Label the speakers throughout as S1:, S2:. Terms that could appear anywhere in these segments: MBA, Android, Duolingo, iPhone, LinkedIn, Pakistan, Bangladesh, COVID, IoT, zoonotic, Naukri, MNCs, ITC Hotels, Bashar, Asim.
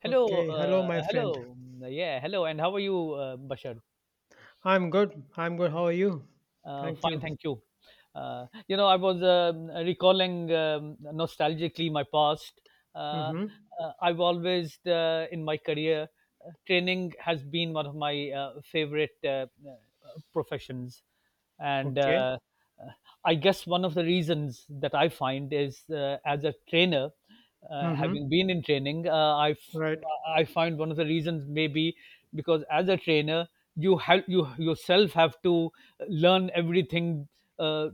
S1: Hello,
S2: Okay. Hello,
S1: uh,
S2: my friend.
S1: hello. Mm, yeah, hello. And how are you, Bashar?
S2: I'm good. I'm good. How are you? Thank
S1: Fine,
S2: you.
S1: thank you. I was recalling nostalgically my past. Uh,
S2: Mm-hmm.
S1: I've always, in my career, training has been one of my favorite professions, and,
S2: Okay.
S1: uh, I guess one of the reasons that I find is as a trainer,
S2: Mm-hmm.
S1: having been in training,
S2: Right.
S1: I find one of the reasons maybe because as a trainer, you help you yourself have to learn everything uh,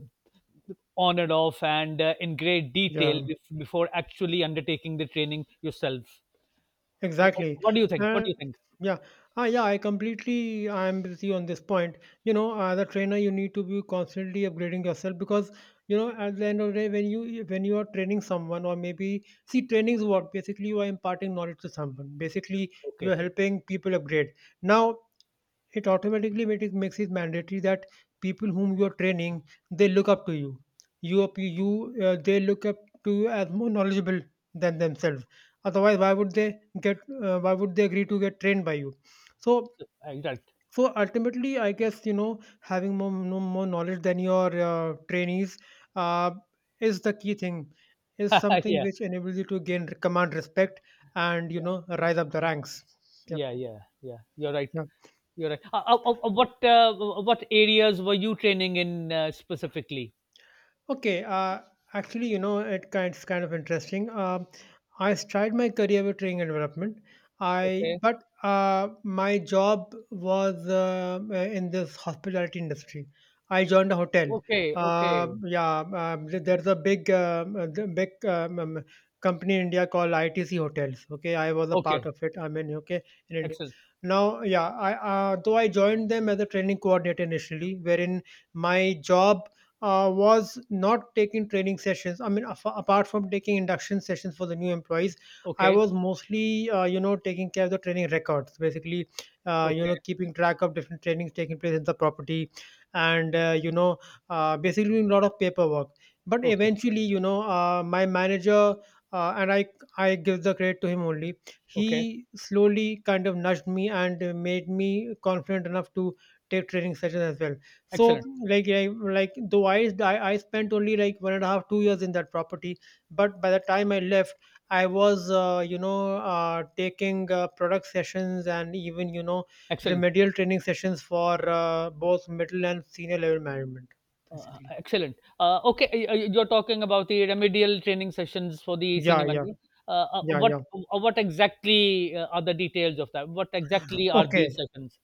S1: on and off, and in great detail
S2: Yeah.
S1: before actually undertaking the training yourself. Wh-
S2: Exactly.
S1: What do you think? What
S2: Uh,
S1: do you think?
S2: yeah. Ah, yeah. I completely. I'm with you on this point. As a trainer, you need to be constantly upgrading yourself because you know at the end of the day, when you are training someone, or maybe see, training is what basically you are imparting knowledge to someone. Basically, you
S1: Okay,
S2: are helping people upgrade. Now, it automatically made it makes it mandatory that people whom you are training, they look up to you, you up- you they look up to you as more knowledgeable than themselves. Otherwise, why would they get, why would they agree to get trained by you? so
S1: you're right.
S2: so ultimately, I guess, you know, having more no, more knowledge than your trainees uh, is the key thing, is something
S1: Yeah,
S2: which enables you to gain command respect and, you know, rise up the ranks. Yep.
S1: yeah, yeah, yeah. You're right.
S2: Yeah.
S1: You're right. What areas were you training in, specifically?
S2: Okay, actually, you know, it's kind of interesting. I started my career with training and development. I
S1: Okay.
S2: but My job was in this hospitality industry. I joined a hotel.
S1: Okay. Okay.
S2: Yeah, there's a big, the big company in India called ITC Hotels. Okay, I was a part
S1: Okay,
S2: of it. I mean, okay, in India.
S1: excellent.
S2: Now, yeah, I though I joined them as a training coordinator initially, wherein my job was not taking training sessions. I mean, apart from taking induction sessions for the new employees, I
S1: Okay,
S2: was mostly, taking care of the training records, basically,
S1: okay,
S2: keeping track of different trainings taking place in the property, and, basically doing a lot of paperwork. But
S1: okay,
S2: eventually, my manager, and I give the credit to him only,
S1: okay.
S2: he slowly kind of nudged me and made me confident enough to take training sessions as well. So
S1: Excellent,
S2: like though I spent only like one and a half 2 years in that property, but by the time I left, I was taking product sessions, and even, you know,
S1: excellent,
S2: remedial training sessions for both middle and senior level management, basically.
S1: excellent. Okay, you're talking about the remedial training sessions for the
S2: Yeah.
S1: senior
S2: Yeah.
S1: manager.
S2: Yeah. Yeah.
S1: What exactly, are the details of that? What exactly are
S2: Okay.
S1: these sessions?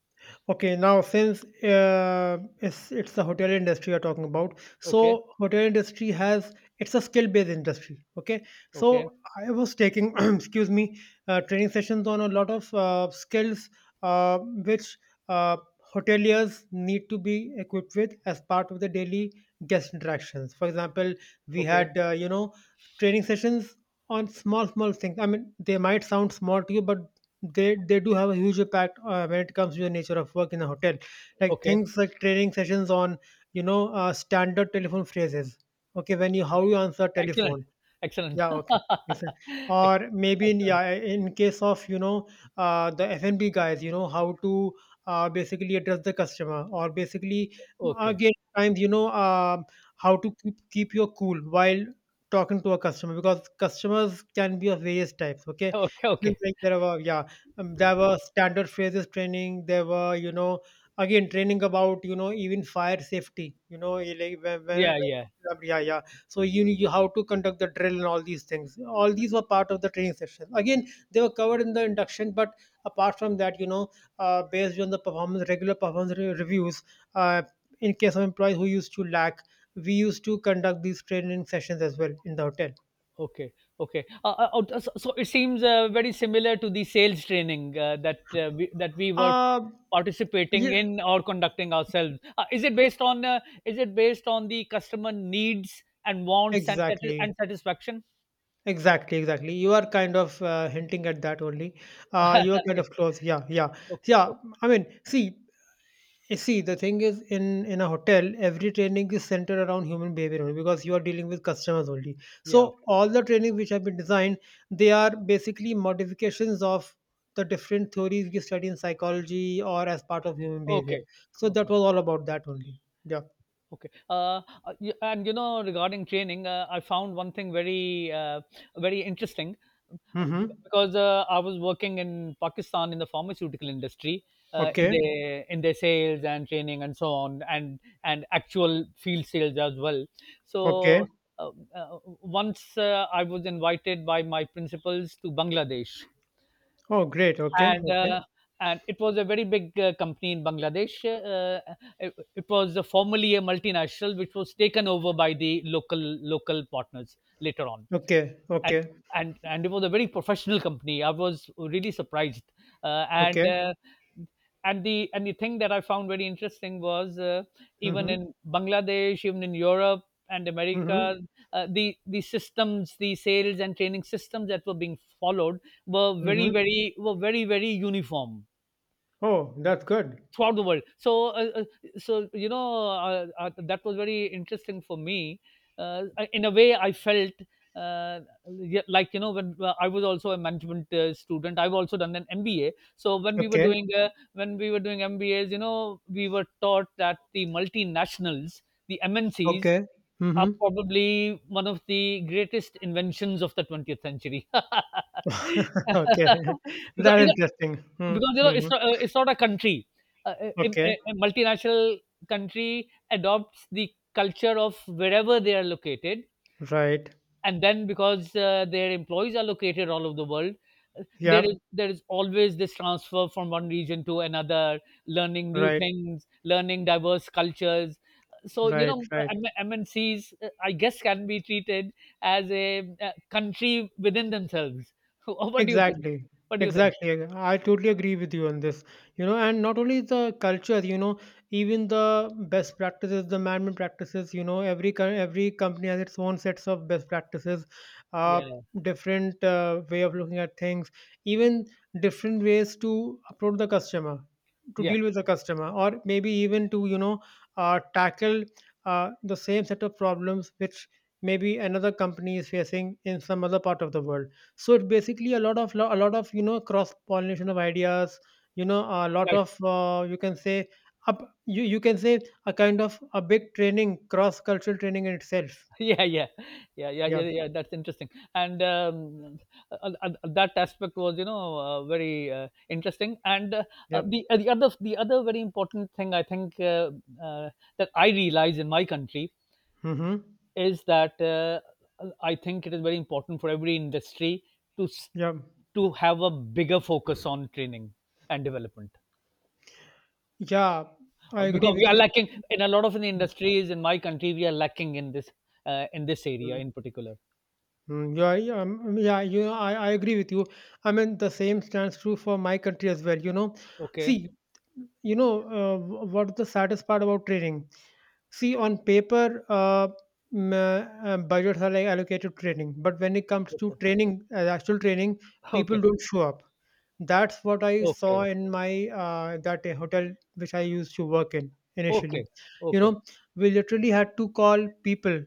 S2: Okay, now since it's the hotel industry you're talking about,
S1: Okay,
S2: so hotel industry has, it's a skill based industry. Okay,
S1: okay,
S2: so I was taking excuse me, training sessions on a lot of skills which uh, hoteliers need to be equipped with as part of the daily guest interactions. For example, we
S1: okay,
S2: had, training sessions on small small things. I mean, they might sound small to you, but they do have a huge impact when it comes to the nature of work in a hotel, like
S1: okay.
S2: things like training sessions on, standard telephone phrases. Okay, when you, how you answer
S1: Excellent,
S2: telephone.
S1: excellent,
S2: Yeah, okay. Yes, sir.
S1: Ex-
S2: Or maybe in,
S1: excellent.
S2: yeah, in case of, you know, the F&B guys, you know how to basically address the customer, or basically
S1: Okay,
S2: again, times, you know, how to keep your cool while talking to a customer, because customers can be of various types. Okay,
S1: okay,
S2: just
S1: okay.
S2: like there were, yeah, there were standard phrases training. There were, you know, again training about, you know, even fire safety. You know, like
S1: Yeah, yeah.
S2: yeah, yeah, so you knew how to conduct the drill and all these things. All these were part of the training session. Again, they were covered in the induction, but apart from that, you know, based on the performance regular performance reviews, uh, in case of employees who used to lack, we used to conduct these training sessions as well in the hotel.
S1: Okay, okay. So it seems, very similar to the sales training that we were
S2: uh,
S1: participating
S2: yeah.
S1: in or conducting ourselves. Is it based on is it based on the customer needs and wants and
S2: exactly
S1: satisfaction?
S2: exactly exactly You are kind of hinting at that only. You are kind
S1: Yeah.
S2: of close. Yeah. Yeah.
S1: Okay.
S2: Yeah.
S1: Okay.
S2: I mean, see, you see, the thing is, in a hotel, every training is centered around human behavior only because you are dealing with customers only. So
S1: Yeah. Okay.
S2: all the trainings which have been designed, they are basically modifications of the different theories we study in psychology or as part of human behavior.
S1: Okay.
S2: So
S1: Okay.
S2: that was all about that only. Yeah.
S1: Okay. And, you know, regarding training, I found one thing very interesting
S2: Mm-hmm.
S1: because I was working in Pakistan in the pharmaceutical industry, in
S2: Okay.
S1: their sales and training and so on, and actual field sales as well. So,
S2: Okay.
S1: once, I was invited by my principals to Bangladesh,
S2: Oh, great. Okay.
S1: and
S2: Okay.
S1: it was a very big company in Bangladesh. It was, formerly a multinational, which was taken over by the local partners later on,
S2: Okay.
S1: and
S2: Okay.
S1: it was a very professional company. I was really surprised, uh, and
S2: Okay.
S1: uh, and the thing that I found very interesting was even
S2: Mm-hmm.
S1: in Bangladesh, even in Europe and
S2: Mm-hmm.
S1: America, the systems, the sales and training systems that were being followed were very
S2: Mm-hmm.
S1: very were very very uniform
S2: Oh, that's good.
S1: throughout the world. So, that was very interesting for me. In a way, I felt, uh, yeah, like, when I was also a management, student. I've also done an MBA. So when we were
S2: Okay.
S1: doing MBAs, we were taught that the multinationals, the MNCs,
S2: Okay.
S1: are
S2: Mm-hmm.
S1: probably one of the greatest inventions of the 20th century.
S2: Okay.
S1: because
S2: That's interesting.
S1: because
S2: Mm-hmm.
S1: it's not a country. Uh, a, a,
S2: Okay.
S1: a multinational country adopts the culture of wherever they are located,
S2: Right.
S1: and then because their employees are located all over the world,
S2: Yeah.
S1: there is always this transfer from one region to another, learning new
S2: Right.
S1: things, learning diverse cultures. So you
S2: Right.
S1: know, uh,
S2: Right.
S1: M- MNCs, I guess, can be treated as a country within themselves. What do you think?
S2: Exactly.
S1: What do you think?
S2: Exactly. I totally agree with you on this. You know, and not only the culture, you know, even the best practices, the management practices, you know, every company has its own sets of best practices, uh,
S1: Yeah,
S2: different way of looking at things, even different ways to approach the customer, to
S1: yeah,
S2: deal with the customer, or maybe even to, you know, tackle the same set of problems which maybe another company is facing in some other part of the world. So it basically, a lot of a lot of, you know, cross pollination of ideas, you know, a lot
S1: right.
S2: of, you can say, up you can say, a kind of a big training, cross cultural training in itself.
S1: Yeah, yeah, yeah, yeah,
S2: Yeah.
S1: yeah, yeah, that's interesting. And, uh, that aspect was, very, interesting, and
S2: Yep.
S1: the other very important thing I think, uh, that I realize in my country
S2: Mm-hmm.
S1: is that I think it is very important for every industry to s-
S2: Yeah.
S1: to have a bigger focus on training and development.
S2: Yeah, I agree
S1: Because we
S2: with you.
S1: are lacking in a lot of the industries in my country, we are lacking in this, area
S2: Mm,
S1: in particular.
S2: mm, yeah, yeah, yeah, you know, I agree with you. I mean, the same stands true for my country as well, you know.
S1: Okay,
S2: See, you know, what is the saddest part about training? See, on paper, budgets are like allocated to training, but when it comes to training, actual training, people
S1: okay,
S2: don't show up. That's what I saw
S1: okay,
S2: in my that hotel which I used to work in initially.
S1: okay,
S2: You
S1: okay,
S2: know, we literally had to call people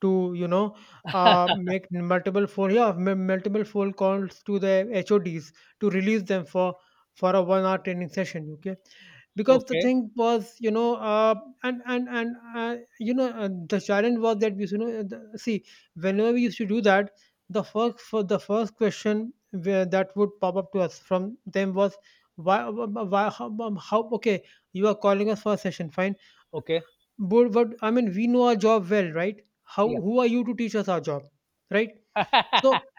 S2: to, you know, make multiple phone, multiple phone calls to the HODs to release them for a 1 hour training session. Okay, because the
S1: okay,
S2: thing was, you know, the challenge was that we, you know, see, whenever we used to do that, the first for the first question, where that would pop up to us from them, was, why, how? Okay, you are calling us for a session, fine,
S1: okay.
S2: but I mean, we know our job well, right? How,
S1: Yeah,
S2: who are you to teach us our job, right? So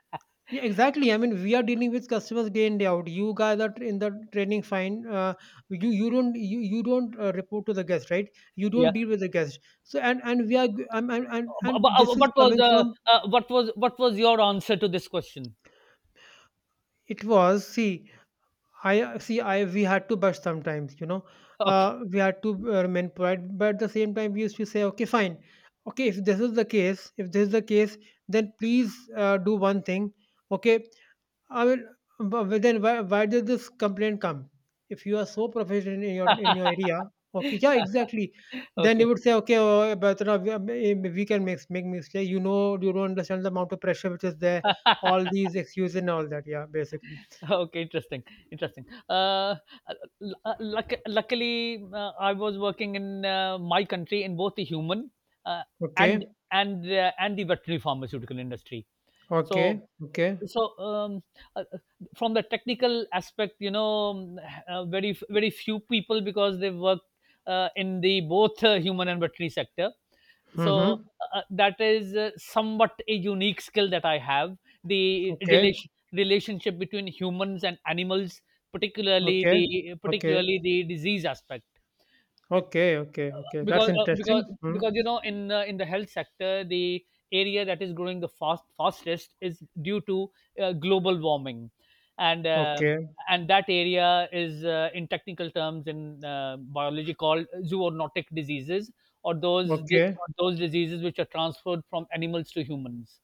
S2: yeah, exactly. I mean, we are dealing with customers day in day out. You guys are in the training, fine. You don't report to the guest, right? You
S1: yeah.
S2: don't deal with the guest. So and we are and this is
S1: What was,
S2: coming from,
S1: what was your answer to this question?
S2: it was, see, I see, I we had to bust sometimes, you know.
S1: Okay,
S2: We had to remain polite, but at the same time we used to say, okay, fine, okay. If this is the case, if this is the case, then please do one thing. Okay, I mean, but then why did this complaint come? If you are so proficient in your area, okay, yeah, exactly. Then they
S1: okay,
S2: would say, okay, oh, Batra, we can make mistake. You know, you don't understand the amount of pressure which is there. All these excuses and all that. Yeah, basically.
S1: okay. Interesting, interesting. Luckily, I was working in my country in both the human uh, and
S2: Okay,
S1: and the veterinary pharmaceutical industry.
S2: okay,
S1: So
S2: okay.
S1: so uh, uh, from the technical aspect, very very few people because they work in the both human and veterinary sector, so
S2: Mm-hmm.
S1: that is somewhat a unique skill that I have, the
S2: Okay,
S1: relationship between humans and animals,
S2: okay, okay,
S1: particularly the disease aspect,
S2: okay, okay, okay. That's
S1: because,
S2: interesting. Mm.
S1: in, in the health sector, the area that is growing the fastest is due to global warming, and um
S2: Okay,
S1: and that area is, in technical terms in, biology, called zoonotic diseases, or those
S2: okay,
S1: diseases which are transferred from animals to humans.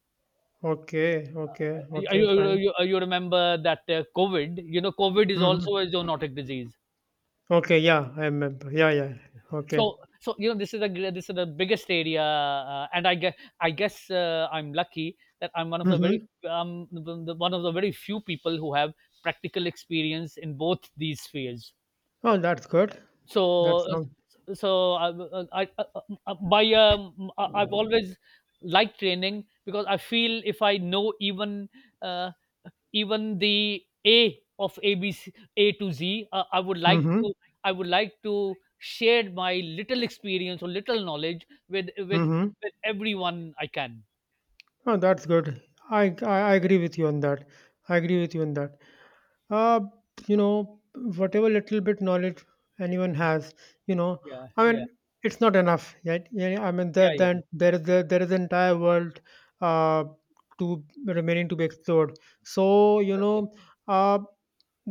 S2: okay, okay, okay. Fine.
S1: You remember that, covid you know covid is
S2: Mm-hmm.
S1: also a zoonotic disease.
S2: Okay, yeah, I remember. Yeah, yeah. Okay.
S1: So this is the biggest area, and I guess I'm lucky that I'm one of the
S2: Mm-hmm.
S1: one of the- very few people who have practical experience in both these spheres.
S2: Oh, that's good. That
S1: So
S2: sounds.
S1: so I- by I- I've always liked training because I feel if I know even uh, even the A of A B C A to Z.
S2: Mm-hmm.
S1: I would like to share my little experience or little knowledge
S2: Mm-hmm.
S1: with everyone I can.
S2: Oh, that's good. I I agree with you on that. I agree with you on that. uh, you know, whatever little bit knowledge anyone has, you know,
S1: Yeah,
S2: I mean,
S1: yeah.
S2: it's not enough, right? Yeah, yeah, I mean,
S1: Yeah, yeah,
S2: then
S1: yeah,
S2: there is there is an entire world uh, to remaining to be explored. So you know,
S1: exactly.
S2: uh,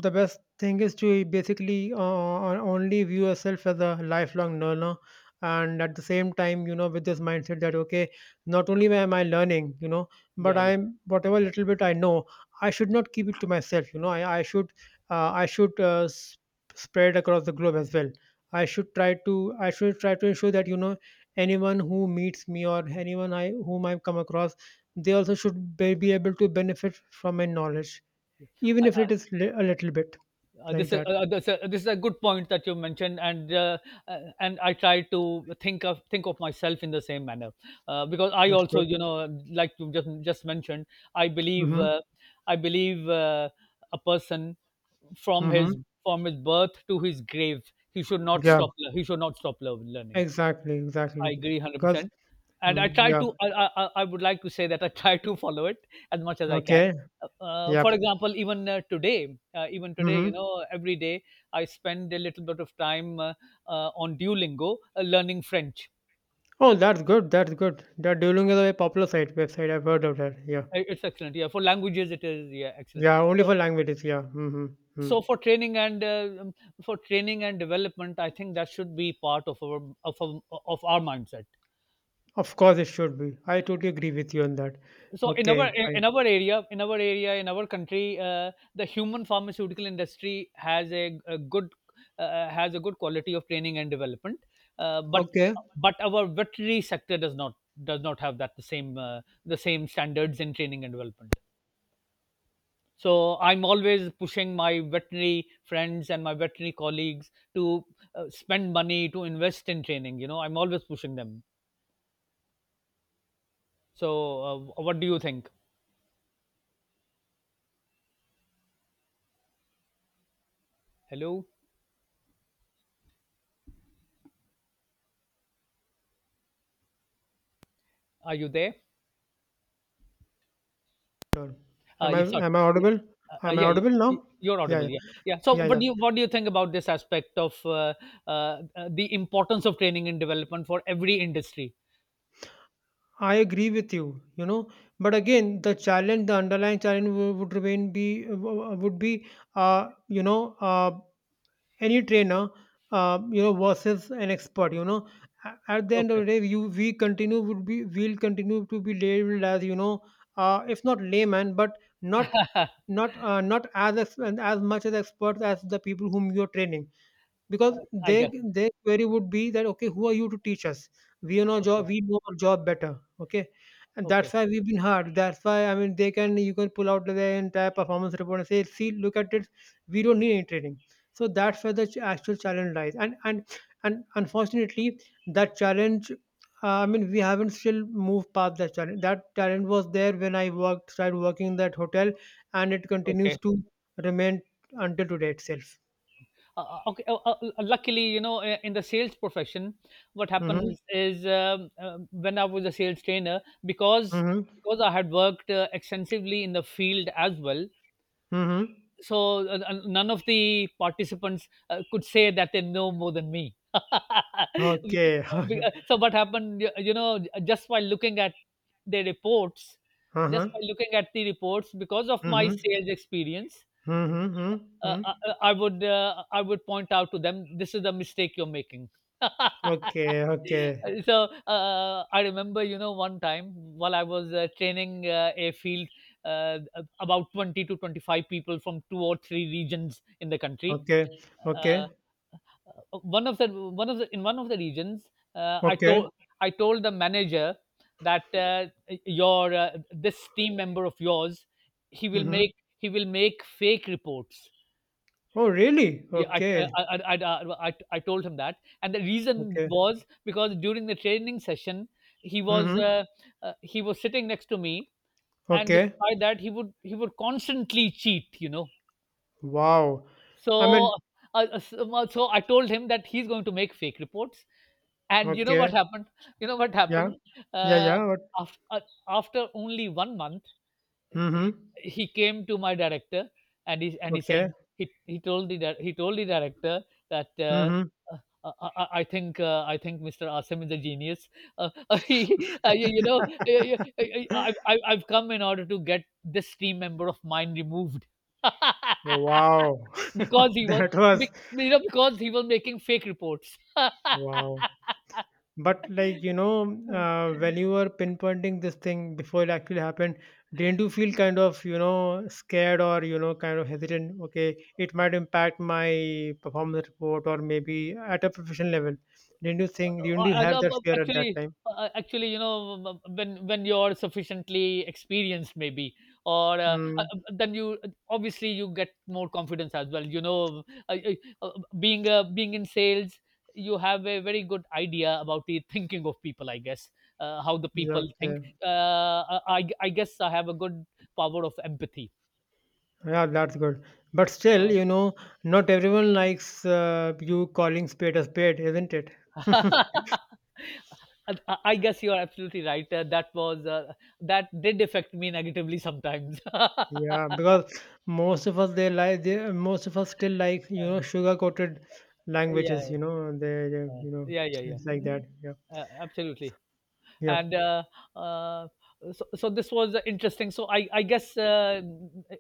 S2: the best thing is to basically only view yourself as a lifelong learner, and at the same time, you know, with this mindset that, okay, not only am I learning, you know, but
S1: Yeah, yeah.
S2: I'm, whatever little bit I know, I should not keep it to myself. You know, I should, uh, I should uh, s- spread across the globe as well. I should try to ensure that, you know, anyone who meets me or anyone I whom I come across, they also should be able to benefit from my knowledge, even if it
S1: I,
S2: is a little bit like
S1: this,
S2: that.
S1: this, this is a good point that you mentioned, and, and I try to think of myself in the same manner, because I
S2: That's
S1: also,
S2: good.
S1: like you just mentioned, I believe,
S2: Mm-hmm.
S1: I believe uh, a person from
S2: Mm-hmm.
S1: his from his birth to his grave. he should not
S2: Yeah.
S1: stop. le- He should not stop learning.
S2: Exactly.
S1: I
S2: Exactly.
S1: agree one hundred
S2: Because
S1: percent. And I
S2: mm,
S1: try
S2: yeah.
S1: to. I would like to say that I try to follow it as much as I can.
S2: Okay. Yep.
S1: For example, even today,
S2: Mm-hmm.
S1: every day I spend a little bit of time, on Duolingo, learning French.
S2: Oh, that's good. That's good. That Duolingo is a very popular site website. I've heard of that. Yeah.
S1: It's excellent. Yeah, for languages it is. Yeah, excellent.
S2: Yeah, only
S1: So,
S2: for languages. Yeah. Mm-hmm. hmm
S1: so, for training and, for training and development, I think that should be part of our of our mindset.
S2: Of course, it should be. I totally agree with you on that.
S1: So in our,
S2: Okay, fine.
S1: in our area in our area in our country, the human pharmaceutical industry has a good, has a good quality of training and development, uh, but
S2: Okay.
S1: but our veterinary sector does not have that the same standards in training and development. So I'm always pushing my veterinary friends and my veterinary colleagues to spend money to invest in training. I'm always pushing them. So, what do you think? Hello, are you there?
S2: Sure. Am I
S1: Yes, sir.
S2: am I
S1: Yeah,
S2: audible? Am I
S1: yeah,
S2: audible now?
S1: you're
S2: Yeah,
S1: audible.
S2: yeah,
S1: Yeah, yeah. So,
S2: yeah,
S1: what
S2: yeah.
S1: do you think about this aspect of, the importance of training and development for every industry?
S2: I agree with you. You know, but again, the challenge, the underlying challenge would remain would be, uh, you know, uh, any trainer you know versus an expert. At the end of
S1: Okay.
S2: the day you we continue would be we'll continue to be labeled as if not layman but not not as as much as experts as the people whom you're training because
S1: I guess.
S2: their query would be that, "Okay, who are you to teach us? We know
S1: Okay.
S2: job we know our job better." Okay? And
S1: Okay.
S2: that's why we've been hard. That's why, I mean, they can you can pull out their entire performance report and say, "See, look at it. We don't need any training." So that's where the actual challenge lies. And unfortunately, that challenge, I mean, we haven't still moved past that challenge. That challenge was there when started working in that hotel, and it continues
S1: Okay.
S2: to remain until today itself.
S1: Okay. Luckily, in the sales profession, what
S2: Mm-hmm.
S1: happens is, when I was a sales trainer, because
S2: Mm-hmm.
S1: I had worked extensively in the field as well,
S2: Mhm.
S1: so none of the participants could say that they know more than me.
S2: Okay. Okay.
S1: So what happened? Just by looking at the reports,
S2: Uh-huh.
S1: because of my
S2: Mhm.
S1: sales experience,
S2: Mhm, mhm,
S1: uh,
S2: mhm.
S1: I, I I would point out to them, this is the mistake you're making.
S2: Okay, okay.
S1: So, I remember, one time while I was training a field, uh, about 20 to 25 people from two or three regions in the country.
S2: Okay,
S1: Uh,
S2: okay,
S1: One of the regions, I
S2: okay.
S1: told, the manager that, your, this team member of yours, he will
S2: Mhm.
S1: make he will make fake reports.
S2: Oh, really?
S1: Yeah, I
S2: Okay,
S1: I I I I I told him that, and the reason
S2: okay.
S1: was because during the training session, he was,
S2: Mhm.
S1: he was sitting next to me, and
S2: Okay.
S1: despite that, he would constantly cheat.
S2: Wow. I
S1: So,
S2: mean,
S1: so I told him that he's going to make fake reports, and you know what
S2: okay.
S1: happened? You know what
S2: Yeah.
S1: happened?
S2: Yeah,
S1: Uh,
S2: yeah. What?
S1: after uh, after only one month
S2: Mhm.
S1: he came to my director and he said
S2: Okay.
S1: he told the director that uh,
S2: Mhm.
S1: uh, I, I I think uh, I think Mr. Asim is a genius. Uh, he, you, you know, I- I've come in order to get this team member of mine removed
S2: Wow.
S1: because he was,
S2: That was
S1: be- you know, because he was making fake reports.
S2: wow. But like when you were pinpointing this thing before it actually happened, didn't you feel kind of scared or kind of hesitant? Okay, it might impact my performance report or maybe at a professional level. Didn't you think?
S1: Uh,
S2: Didn't you
S1: I,
S2: have
S1: I, um,
S2: that fear at that time?
S1: Actually, you know, when you're sufficiently experienced, maybe, or
S2: Hmm.
S1: then you obviously you get more confidence as well. You know, uh, uh, uh, being in sales, you have a very good idea about the thinking of people. I guess how the
S2: Yeah.
S1: people
S2: Okay.
S1: think. I guess I have a good power of empathy.
S2: Yeah, that's good. But still,
S1: So-
S2: you know, not everyone likes you calling spade a spade, isn't it?
S1: I guess you are absolutely right. That did affect me negatively sometimes.
S2: Yeah, because most of us still like
S1: Uh,
S2: sugar coated languages.
S1: yeah,
S2: You know they you know
S1: yeah, yeah, yeah,
S2: it's like that. Yeah,
S1: absolutely.
S2: yeah.
S1: And uh, uh, so, so this was interesting, so I guess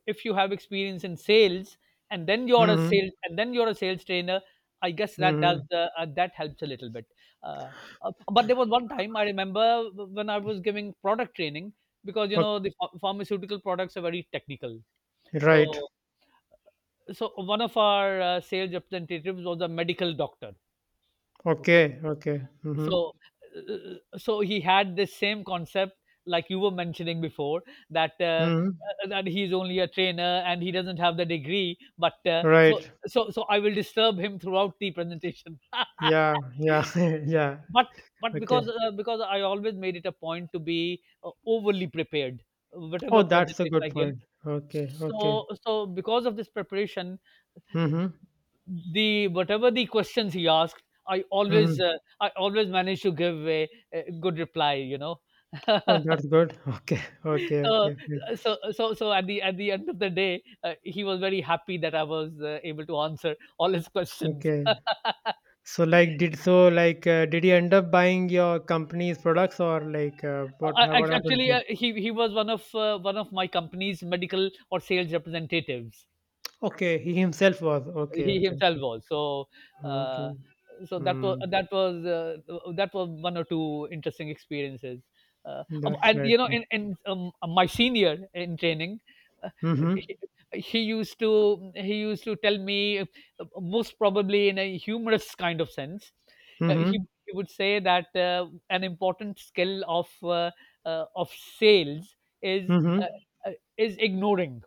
S1: if you have experience in sales and then you're a
S2: Mm-hmm.
S1: sales and then you're a sales trainer, I guess that does
S2: Mm-hmm.
S1: that helps a little bit. uh, but there was one time I remember when I was giving product training, because you
S2: Okay.
S1: know the pharmaceutical products are very technical. So
S2: Right.
S1: one of our sales representatives was a medical doctor. Okay?
S2: Okay. Okay. Mm-hmm.
S1: So so he had this same concept, like you were mentioning before, that uh,
S2: Mm-hmm.
S1: uh, that he's only a trainer and he doesn't have the degree, but uh, so
S2: Right.
S1: so so I will disturb him throughout the presentation.
S2: Yeah. Yeah. yeah.
S1: but but
S2: Okay.
S1: because I always made it a point to be overly prepared whatever
S2: Oh, that's a
S1: presentation
S2: good
S1: I give,
S2: point. Okay. Okay.
S1: so because of this preparation,
S2: Mm-hmm.
S1: the whatever the questions he asked,
S2: Mm-hmm.
S1: I always managed to give a good reply. You know.
S2: Oh, that's good. Okay. Okay. Okay.
S1: so,
S2: Okay.
S1: so at the end of the day, he was very happy that I was able to answer all his questions.
S2: Okay. So did so like did he end up buying your company's products or what what happened
S1: Actually,
S2: here?
S1: he was one of my company's medical or sales representatives.
S2: Okay, he himself was okay,
S1: He
S2: okay,
S1: himself
S2: okay,
S1: was. So, uh,
S2: okay.
S1: so that was
S2: Mm,
S1: that was uh, that was one or two interesting experiences.
S2: that's
S1: And
S2: right.
S1: you know,
S2: Yeah.
S1: in my senior in training, uh,
S2: Mhm,
S1: he, he used to tell me, most probably in a humorous kind of sense. uh, he
S2: mhm,
S1: he would say that an important skill of sales is
S2: mhm.
S1: is ignoring.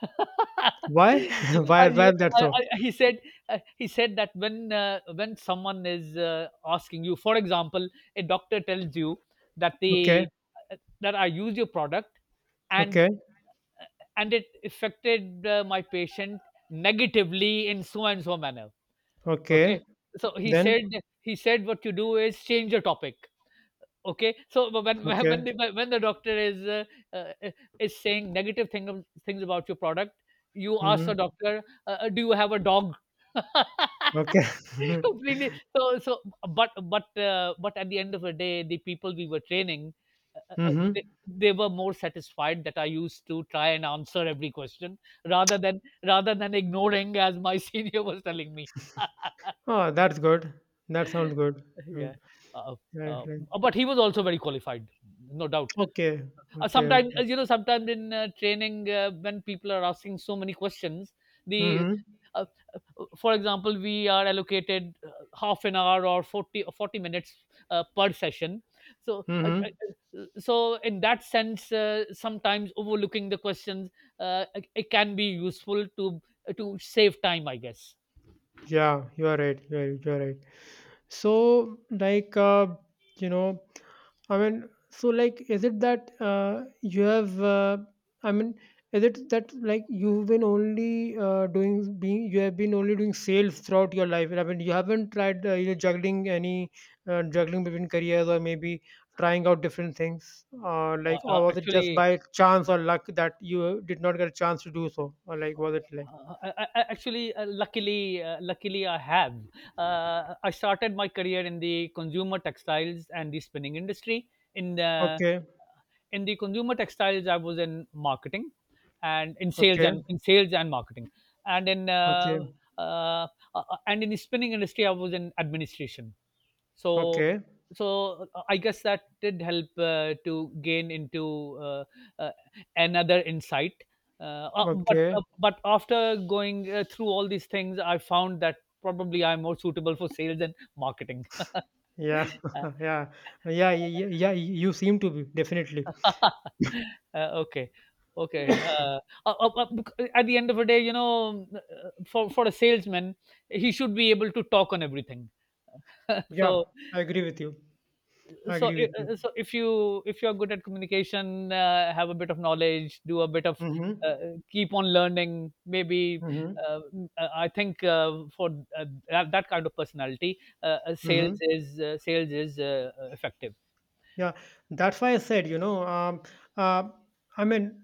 S2: Why? Why? Why is that so?
S1: He said he said that when someone is asking you, for example, a doctor tells you that
S2: Okay,
S1: the that I used your product and
S2: okay,
S1: it affected my patient negatively in so and so manner.
S2: okay.
S1: Okay, so he
S2: Then
S1: said what you do is change the topic. Okay, so when when when
S2: okay,
S1: the when the doctor uh, is saying negative things about your product, you ask the
S2: mhm,
S1: doctor, "Do you have a dog?"
S2: okay,
S1: Completely. But at the end of the day, the people we were training, uh,
S2: mhm.
S1: they were more satisfied that I used to try and answer every question rather than ignoring, as my senior was telling me.
S2: Oh, that's good. That sounds good. Mm,
S1: Yeah. Uh,
S2: right, right.
S1: but he was also very qualified, no doubt.
S2: Okay, okay,
S1: Sometimes,
S2: okay.
S1: you know, sometimes in training, when people are asking so many questions, the
S2: Mhm,
S1: uh, for example, we are allocated half an hour or 40, or 40 minutes per session. So,
S2: mhm.
S1: so in that sense, sometimes overlooking the questions, it can be useful to save time, I guess.
S2: Yeah, you are right. You are right. So, you know, is it that you have? I mean, is it that like you have been only doing sales throughout your life? I mean, you haven't tried either juggling any juggling between careers or maybe trying out different things, or like,
S1: Uh,
S2: or
S1: uh,
S2: was it just
S1: actually,
S2: by chance or luck that you did not get a chance to do so, or like, was it like,
S1: Actually, luckily, I have. I started my career in the consumer textiles and the spinning industry. In the
S2: okay,
S1: in the consumer textiles, I was in marketing, and in sales
S2: okay,
S1: and marketing, and in
S2: okay,
S1: uh, uh, and in the spinning industry, I was in administration. So
S2: okay?
S1: so I guess that did help to gain into uh, uh, another insight.
S2: Okay.
S1: But after going through all these things, I found that probably I'm more suitable for sales and marketing.
S2: Yeah.
S1: Uh,
S2: Yeah. Yeah. Yeah. Yeah. You seem to be definitely.
S1: uh, okay, okay. uh, at the end of the day, you know, for a salesman, he should be able to talk on everything.
S2: Yeah.
S1: so
S2: I agree with you. I
S1: so
S2: agree
S1: i-
S2: with you.
S1: uh, so if you if you're good at communication, have a bit of knowledge, do a bit of
S2: Mm-hmm.
S1: uh, keep on learning maybe,
S2: Mm-hmm.
S1: I think for that that kind of personality,
S2: Mm-hmm.
S1: sales is effective.
S2: Yeah, that's why I said, uh, I mean,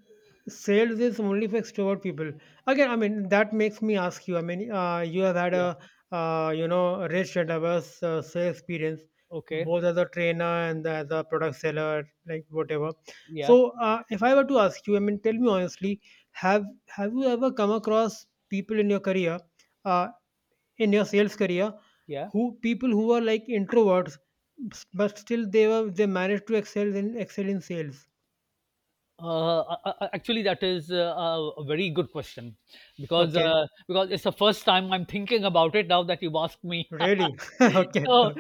S2: sales is only for extrovert people. Again, I mean, that makes me ask you. I mean, you have had
S1: Yeah,
S2: you know, rich and diverse sales experience,
S1: okay,
S2: both as a trainer and as a product seller, like whatever.
S1: yeah,
S2: So, if I were to ask you, I mean, tell me honestly, have you ever come across people in your career? Uh, in your sales career
S1: yeah.
S2: who people who are like introverts s- but still they were they managed to excel in sales,
S1: Uh, Actually, that is a very good question,
S2: okay?
S1: because it's the first time I'm thinking about it now that you asked me.
S2: Really? Okay.
S1: so,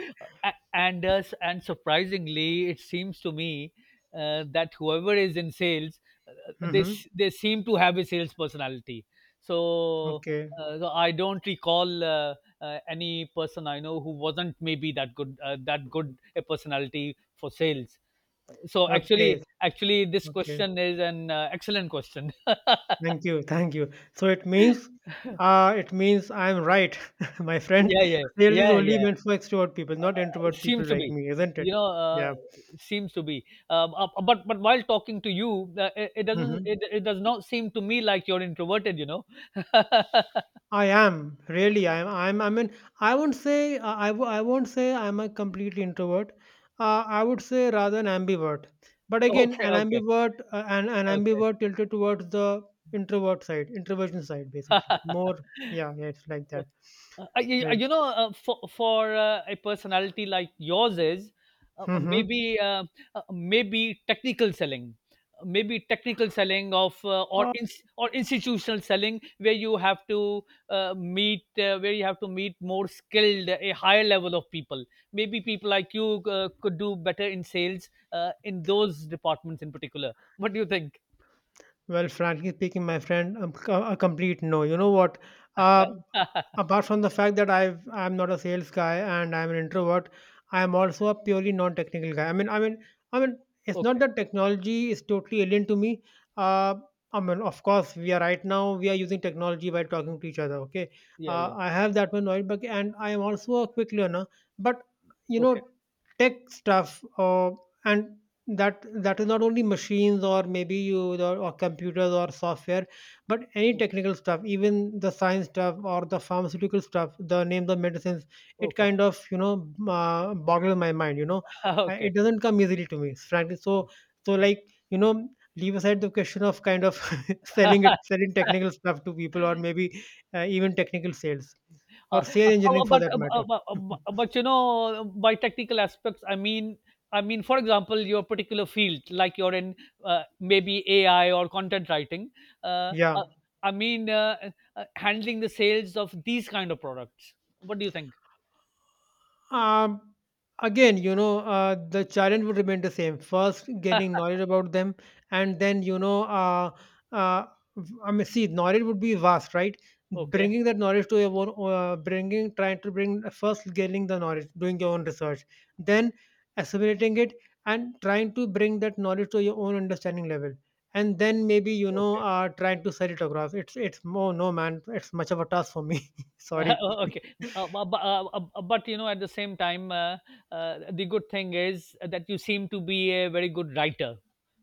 S1: and surprisingly, it seems to me that whoever is in sales,
S2: Mm-hmm.
S1: they seem to have a sales personality. So,
S2: Okay,
S1: so I don't recall any person I know who wasn't maybe that good, that good a personality for sales. So actually
S2: okay,
S1: actually this
S2: okay,
S1: question is an excellent question.
S2: thank you, thank you. So it means, it means I'm right. My friend,
S1: Yeah, yeah,
S2: sales is
S1: yeah,
S2: only
S1: yeah.
S2: meant for extrovert people, not introvert
S1: Seems
S2: people
S1: to
S2: like
S1: be.
S2: me, isn't
S1: You
S2: it?
S1: know,
S2: Yeah.
S1: seems to be. But while talking to you, it doesn't,
S2: Hmm.
S1: it does not seem to me like you're introverted, you know.
S2: I am really. I mean, I won't say I'm a complete introvert. I would say rather an ambivert. But again,
S1: Okay,
S2: an
S1: okay,
S2: ambivert, an
S1: okay.
S2: ambivert tilted towards the introvert side, introversion side, basically. More.
S1: Okay.
S2: Yeah. Yeah. It's like that.
S1: You
S2: Right.
S1: you know, for a personality like yours, is
S2: Mm-hmm.
S1: maybe maybe technical selling, uh, maybe technical selling of uh, or in, or institutional selling, where you have to meet where you have to meet more skilled, a higher level of people. Maybe people like you could do better in sales, in those departments in particular. What do you think?
S2: Well, frankly speaking, my friend, a complete no. You know what? Uh, apart from the fact that I'm not a sales guy and I'm an introvert, I am also a purely non-technical guy. I mean, it's not
S1: Okay.
S2: that technology is totally alien to me. Uh, I mean, of course, we are right now we are using technology while talking to each other. Okay,
S1: Yeah. Yeah.
S2: I have that one right back, and I am also a quick learner. But you
S1: Okay.
S2: know, tech stuff and that is not only machines or maybe you or computers or software but any
S1: Okay.
S2: technical stuff, even the science stuff or the pharmaceutical stuff, the name, the medicines, it
S1: Okay.
S2: kind of you know boggles my mind, you know.
S1: Okay.
S2: It doesn't come easily to me frankly, so so like you know leave aside the question of kind of
S1: Okay.
S2: selling technical stuff to people or maybe even technical sales
S1: Uh,
S2: or
S1: uh,
S2: sale
S1: uh,
S2: engineering for
S1: but
S2: that matter.
S1: bu- bu- But you know, by technical aspects, I mean, for example, your particular field, like you're in maybe AI or content writing. Uh,
S2: Yeah.
S1: uh, I mean, uh, Handling the sales of these kind of products. What do you think?
S2: Um, again, you know, the challenge would remain the same. First, getting knowledge about them, and then, uh, I mean, see, knowledge would be vast, right?
S1: Okay,
S2: Bringing that knowledge to your own, bringing, trying to bring first getting the knowledge, doing your own research, then assimilating it, and trying to bring that knowledge to your own understanding level. And then maybe you know,
S1: okay,
S2: trying to sell it across. It's more no man. It's much of a task for me. Sorry.
S1: okay. But you know, at the same time, the good thing is that you seem to be a very good writer.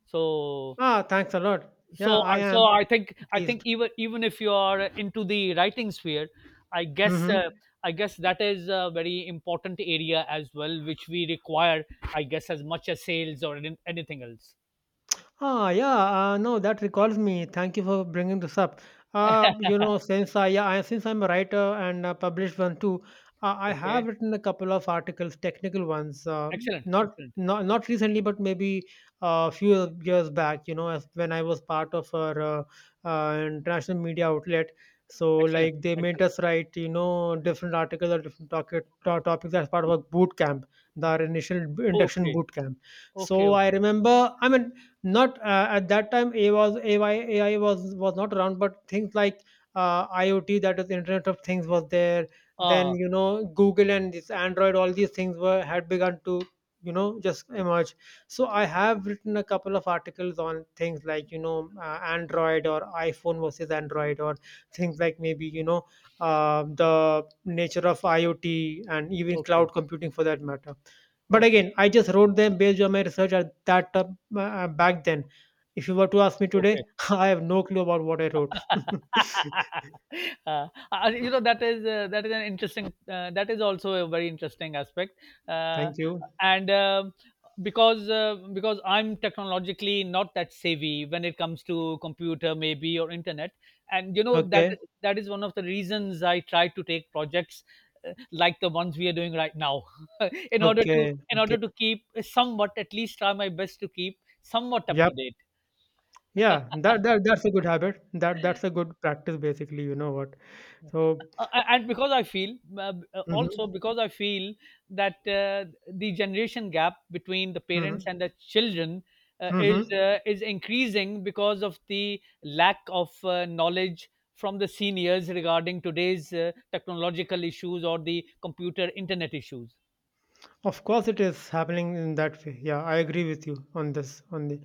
S1: So
S2: Ah, thanks a lot. Yeah, I am.
S1: I think
S2: At least.
S1: even if you are into the writing sphere, I guess,
S2: Mhm.
S1: that is a very important area as well, which we require, I guess, as much as sales or anything else.
S2: Ah, yeah. No, that recalls me. Thank you for bringing this up. You know, since I'm a writer and published one too, I have
S1: Okay,
S2: written a couple of articles, technical ones.
S1: excellent,
S2: Not
S1: excellent,
S2: recently, but maybe a few years back. You know, as when I was part of our international media outlet. So
S1: excellent,
S2: like they made
S1: excellent.
S2: us write, you know, different articles or different topics as part of a boot camp, the initial induction
S1: Okay,
S2: boot camp.
S1: okay,
S2: So I
S1: okay.
S2: remember, I mean, not at that time. AI, was not around, but things like IoT, that is Internet of Things, was there. Then
S1: Ah,
S2: you know Google and this Android, all these things were had begun to you know just emerge. So I have written a couple of articles on things like you know Android or iPhone versus Android or things like maybe you know the nature of IoT and even
S1: okay,
S2: cloud computing for that matter. But
S1: okay,
S2: again, I just wrote them based on my research at that time, back then. If you were to ask me today,
S1: okay.
S2: I have no clue about what I wrote.
S1: You know, that is an interesting, that is also a very interesting aspect. uh,
S2: Thank you.
S1: and um because I'm technologically not that savvy when it comes to computer maybe or internet, and you know that
S2: Okay.
S1: that is one of the reasons I try to take projects like the ones we are doing right now. In order to
S2: Okay. Okay.
S1: keep somewhat, at least try my best to keep somewhat up to
S2: Yep.
S1: date.
S2: Yeah. That's a good habit. That's a good practice basically, you know what. So
S1: Uh, and because I feel,
S2: hmm
S1: Also because I feel that the generation gap between the parents
S2: hmm
S1: and the children
S2: hmm
S1: is increasing because of the lack of knowledge from the seniors regarding today's technological issues or the computer internet issues.
S2: Of course it is happening in that way. Yeah, I agree with you on this on the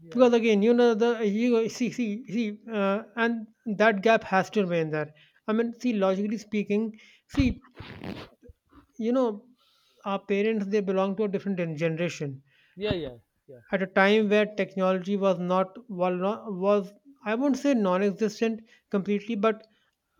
S1: Yeah,
S2: because again you know the you see and that gap has to remain there. I mean see, logically speaking, see, you know, our parents they belong to a different generation
S1: yeah, yeah, yeah.
S2: at a time where technology was not, was I won't say non-existent completely but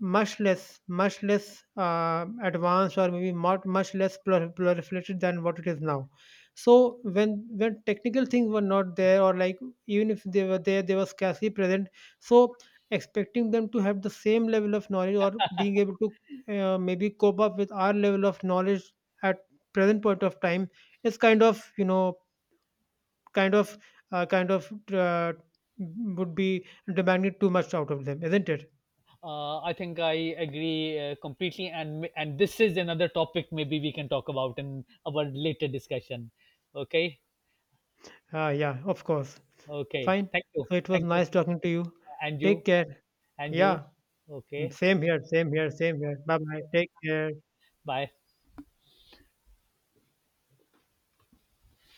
S2: much less advanced, or maybe not much less proliferated than what it is now. So when technical things were not there, or like even if they were there, they were scarcely present. So expecting them to have the same level of knowledge or being able to maybe cope up with our level of knowledge at present point of time is kind of you know kind of kind of would be demanding too much out of them, isn't it?
S1: I think I agree completely, and this is another topic maybe we can talk about in our later discussion. Okay.
S2: Ah, yeah, of course.
S1: Okay.
S2: Fine.
S1: Thank you.
S2: So it was
S1: Thank you.
S2: nice talking to you.
S1: And you.
S2: Take care.
S1: And you.
S2: Yeah,
S1: Okay.
S2: same here, same here, same here. Bye bye. Take care.
S1: Bye.